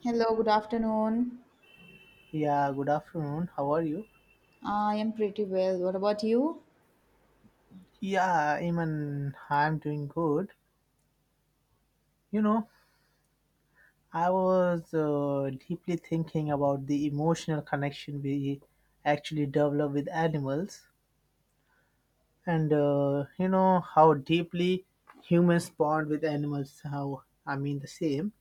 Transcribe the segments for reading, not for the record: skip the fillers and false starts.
Hello, good afternoon. Yeah, good afternoon. How are you? I am pretty well. What about you? Yeah, Iman, I'm doing good. You know, I was deeply thinking about the emotional connection we actually develop with animals and, you know, how deeply humans bond with animals, how I mean the same.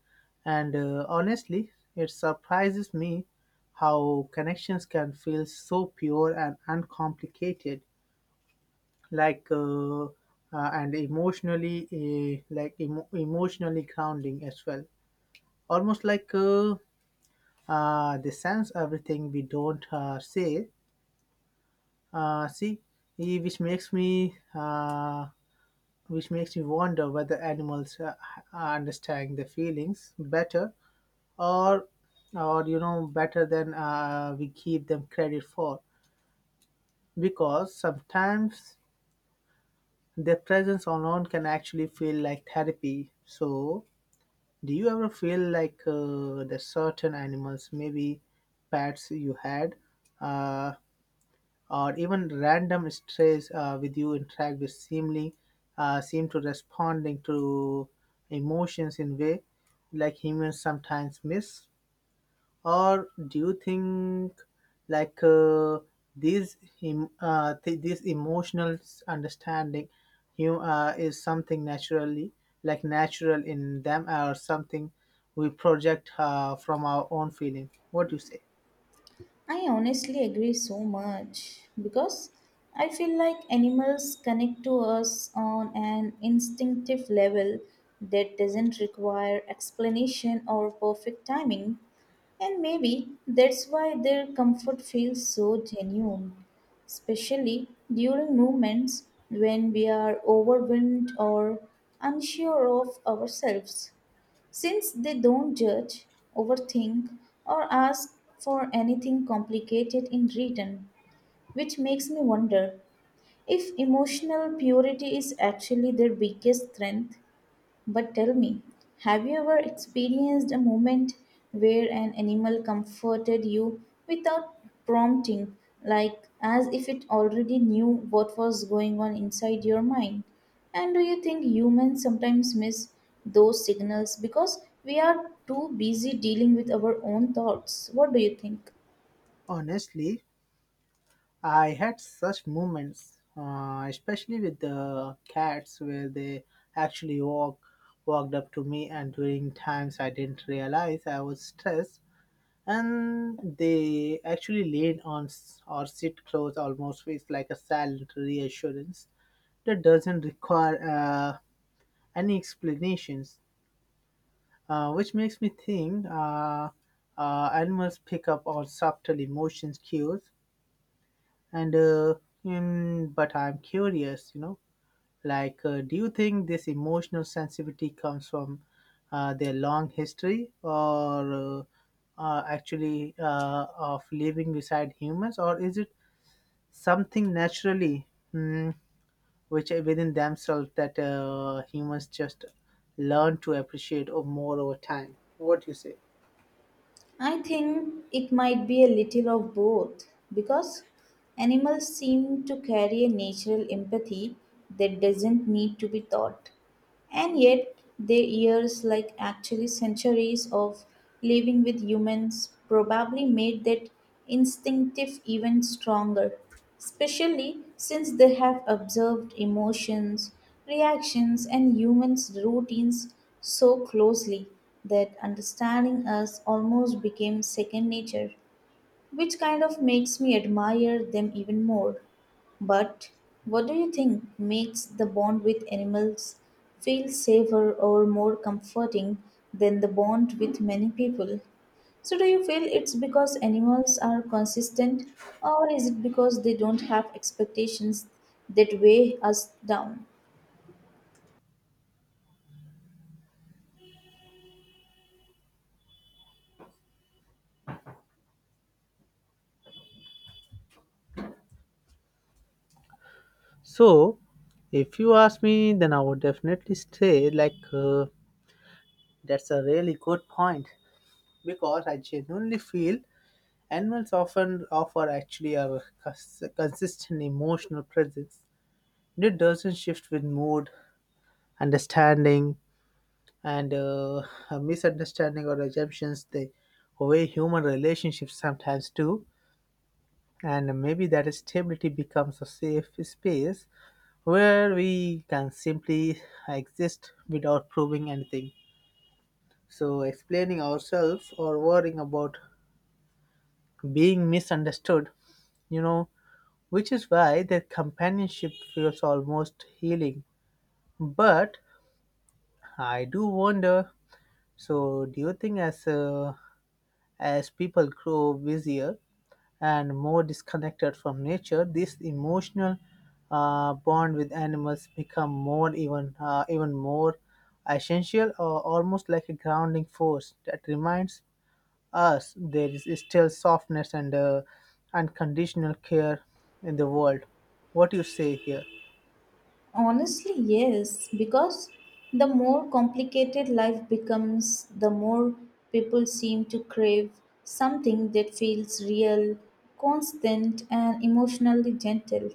And honestly, it surprises me how connections can feel so pure and uncomplicated like uh, uh, and emotionally like emotionally grounding as well, almost they sense everything we don't say, see, eh, which makes me uh, which makes me wonder whether animals understand the feelings better or or better than we give them credit for, because sometimes their presence alone can actually feel like therapy. So, do you ever feel that certain animals, maybe pets you had, uh, or even random strays with you interact with seemingly seem to responding to emotions in way like humans sometimes miss? Or do you think like uh, this emotional understanding you is something naturally, like natural in them, or something we project from our own feeling? What do you say? I honestly agree so much because I feel like animals connect to us on an instinctive level that doesn't require explanation or perfect timing, and maybe that's why their comfort feels so genuine, especially during moments when we are overwhelmed or unsure of ourselves. Since they don't judge, overthink, or ask for anything complicated in return, which makes me wonder if emotional purity is actually their biggest strength. But tell me, have you ever experienced a moment where an animal comforted you without prompting, like as if it already knew what was going on inside your mind? And do you think humans sometimes miss those signals because we are too busy dealing with our own thoughts? What do you think? Honestly, I had such moments especially with the cats, where they actually walked up to me, and during times I didn't realize I was stressed, and they actually lean or sit close, almost it's like a silent reassurance that doesn't require any explanations, which makes me think animals pick up on subtle emotions cues. And but I'm curious, you know, do you think this emotional sensitivity comes from their long history, or actually of living beside humans, or is it something naturally, mm, which are within themselves, that humans just learn to appreciate or more over time? What do you say? I think it might be a little of both because animals seem to carry a natural empathy that doesn't need to be taught. And yet, their ears, like actually centuries of living with humans, probably made that instinctive even stronger, especially since they have observed emotions, reactions, and humans' routines so closely that understanding us almost became second nature, which kind of makes me admire them even more. But what do you think makes the bond with animals feel safer or more comforting than the bond with many people? So, do you feel it's because animals are consistent, or is it because they don't have expectations that weigh us down? So, if you ask me, then I would definitely say that's a really good point, because I genuinely feel animals often offer actually a consistent emotional presence. It doesn't shift with mood, understanding, and a misunderstanding or assumptions the way human relationships sometimes do. And maybe that stability becomes a safe space where we can simply exist without proving anything. So, explaining ourselves or worrying about being misunderstood, you know, which is why their companionship feels almost healing. But I do wonder. So, do you think as people grow busier and more disconnected from nature, this emotional bond with animals become more even more essential, or almost like a grounding force that reminds us there is still softness and unconditional care in the world. What do you say here? Honestly, yes, because the more complicated life becomes, the more people seem to crave something that feels real, constant, and emotionally gentle.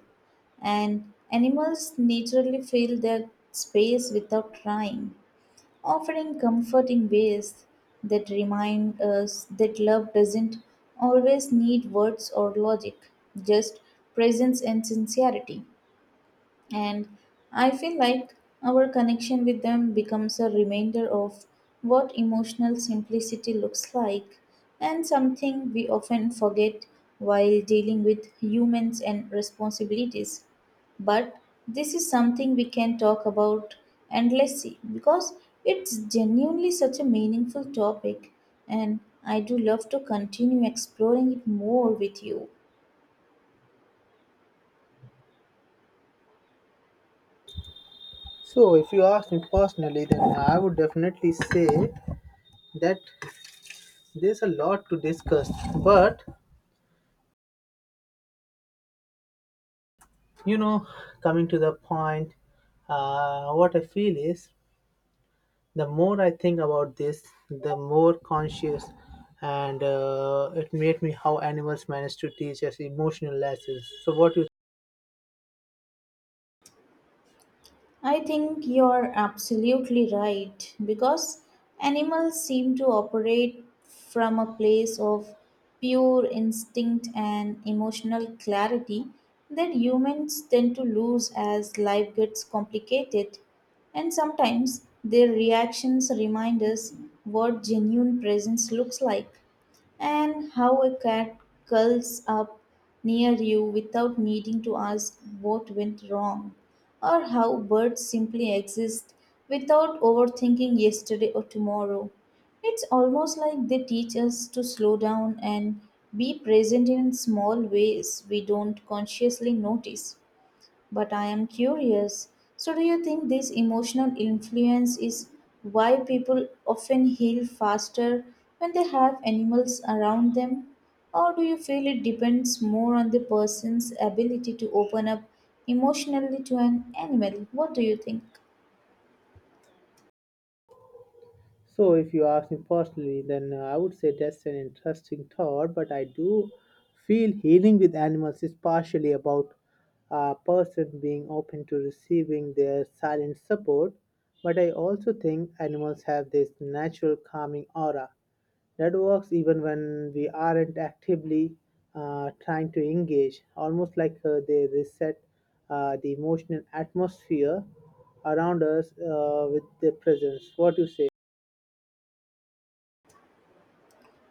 And animals naturally fill that space without trying, offering comfort in ways that remind us that love doesn't always need words or logic, just presence and sincerity. And I feel like our connection with them becomes a reminder of what emotional simplicity looks like, and something we often forget while dealing with humans and responsibilities. But this is something we can talk about endlessly because it's genuinely such a meaningful topic, and I do love to continue exploring it more with you. So, if you ask me personally, then I would definitely say that there's a lot to discuss. But, you know, coming to the point, what I feel is the more I think about this, the more conscious, and it made me how animals manage to teach us emotional lessons. So, what do you? I think you're absolutely right because animals seem to operate from a place of pure instinct and emotional clarity that humans tend to lose as life gets complicated. And sometimes their reactions remind us what genuine presence looks like, and how a cat curls up near you without needing to ask what went wrong, or how birds simply exist without overthinking yesterday or tomorrow. It's almost like they teach us to slow down and be present in small ways we don't consciously notice. But I am curious. So, do you think this emotional influence is why people often heal faster when they have animals around them? Or do you feel it depends more on the person's ability to open up emotionally to an animal? What do you think? So, if you ask me personally, then I would say that's an interesting thought, but I do feel healing with animals is partially about a person being open to receiving their silent support. But I also think animals have this natural calming aura that works even when we aren't actively trying to engage, almost they reset the emotional atmosphere around us with their presence. What do you say?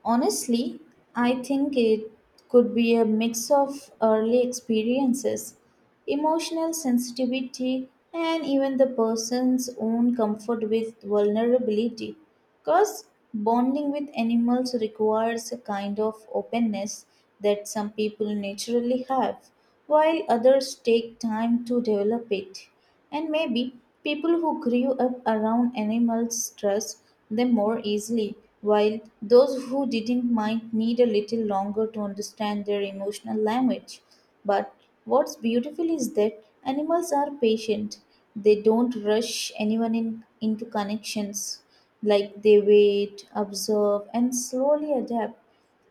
Honestly, I think it could be a mix of early experiences, emotional sensitivity, and even the person's own comfort with vulnerability. Because bonding with animals requires a kind of openness that some people naturally have, while others take time to develop it. And maybe people who grew up around animals trust them more easily, while those who didn't might need a little longer to understand their emotional language. But what's beautiful is that animals are patient, they don't rush anyone in, into connections. Like they wait, observe, and slowly adapt.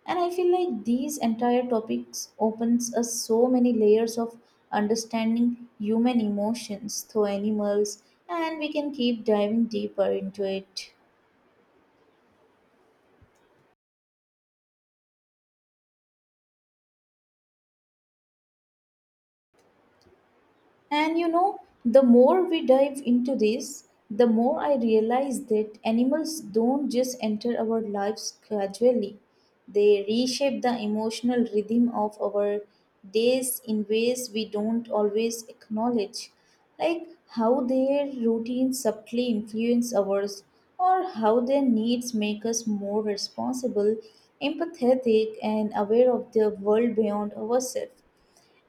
And I feel like these entire topics opens us so many layers of understanding human emotions through animals, and we can keep diving deeper into it. And you know, the more we dive into this, the more I realize that animals don't just enter our lives gradually. They reshape the emotional rhythm of our days in ways we don't always acknowledge, like how their routines subtly influence ours, or how their needs make us more responsible, empathetic, and aware of the world beyond ourselves.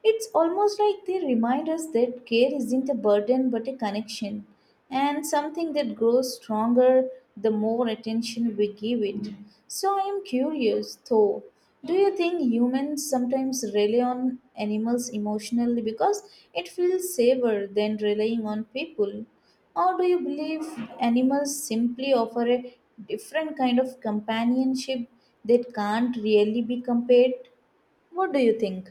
It's almost like they remind us that care isn't a burden but a connection, and something that grows stronger the more attention we give it. So I am curious though, do you think humans sometimes rely on animals emotionally because it feels safer than relying on people? Or do you believe animals simply offer a different kind of companionship that can't really be compared? What do you think?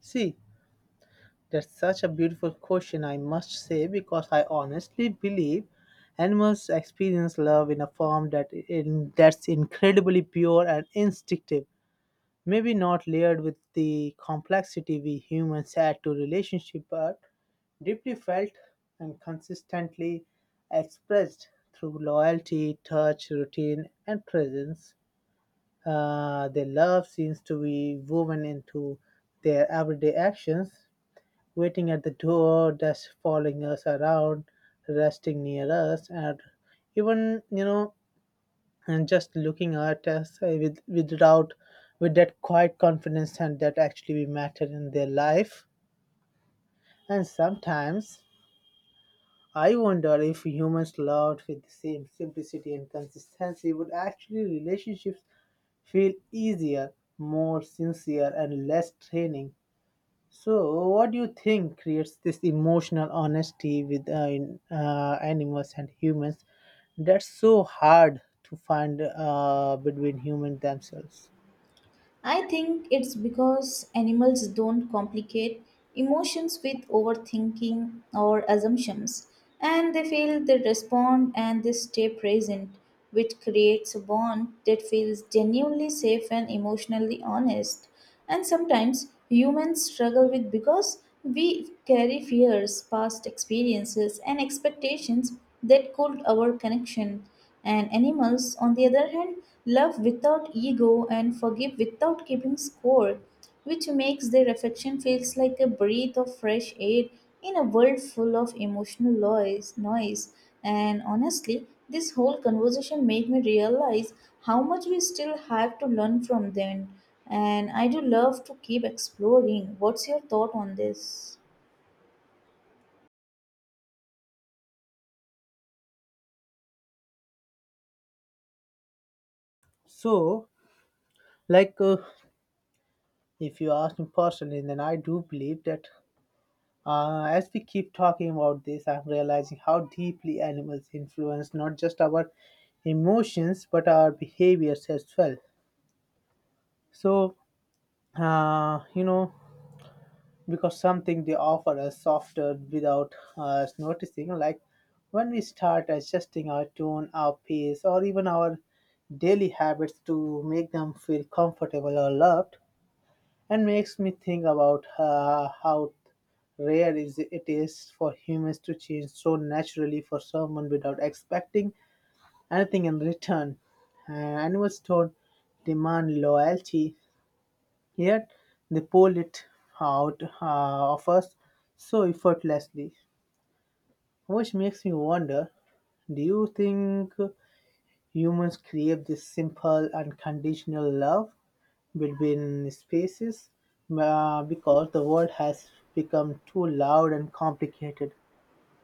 See, that's such a beautiful question, I must say, because I honestly believe animals experience love in a form that's incredibly pure and instinctive. Maybe not layered with the complexity we humans add to relationship, but deeply felt and consistently expressed through loyalty, touch, routine, and presence. Their love seems to be woven into their everyday actions, waiting at the door, just following us around, resting near us, and even you know, and just looking at us with without with that quiet confidence, and that actually we matter in their life. And sometimes I wonder if humans loved with the same simplicity and consistency, would actually relationships feel easier, more sincere, and less draining. So, what do you think creates this emotional honesty animals and humans, that's so hard to find between humans themselves? I think it's because animals don't complicate emotions with overthinking or assumptions, and they feel, they respond, and they stay present, which creates a bond that feels genuinely safe and emotionally honest. And sometimes humans struggle with because we carry fears, past experiences, and expectations that could our connection. And animals, on the other hand, love without ego and forgive without keeping score, which makes their affection feels like a breath of fresh air in a world full of emotional noise, noise. And honestly, this whole conversation made me realize how much we still have to learn from them. And I do love to keep exploring. What's your thought on this? So, like, uh, if you ask me personally, then I do believe that as we keep talking about this, I'm realizing how deeply animals influence not just our emotions but our behaviors as well. So, you know, because something they offer us softer without us noticing, like when we start adjusting our tone, our pace, or even our daily habits to make them feel comfortable or loved. And makes me think about how rare is for humans to change so naturally for someone without expecting anything in return. Animals don't demand loyalty, yet they pull it out of us so effortlessly, which makes me wonder, do you think humans crave this simple unconditional love between species because the world has become too loud and complicated?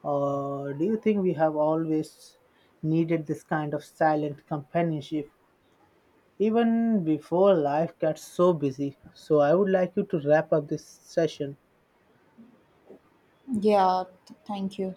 Or do you think we have always needed this kind of silent companionship, even before life gets so busy? So I would like you to wrap up this session. Yeah, thank you.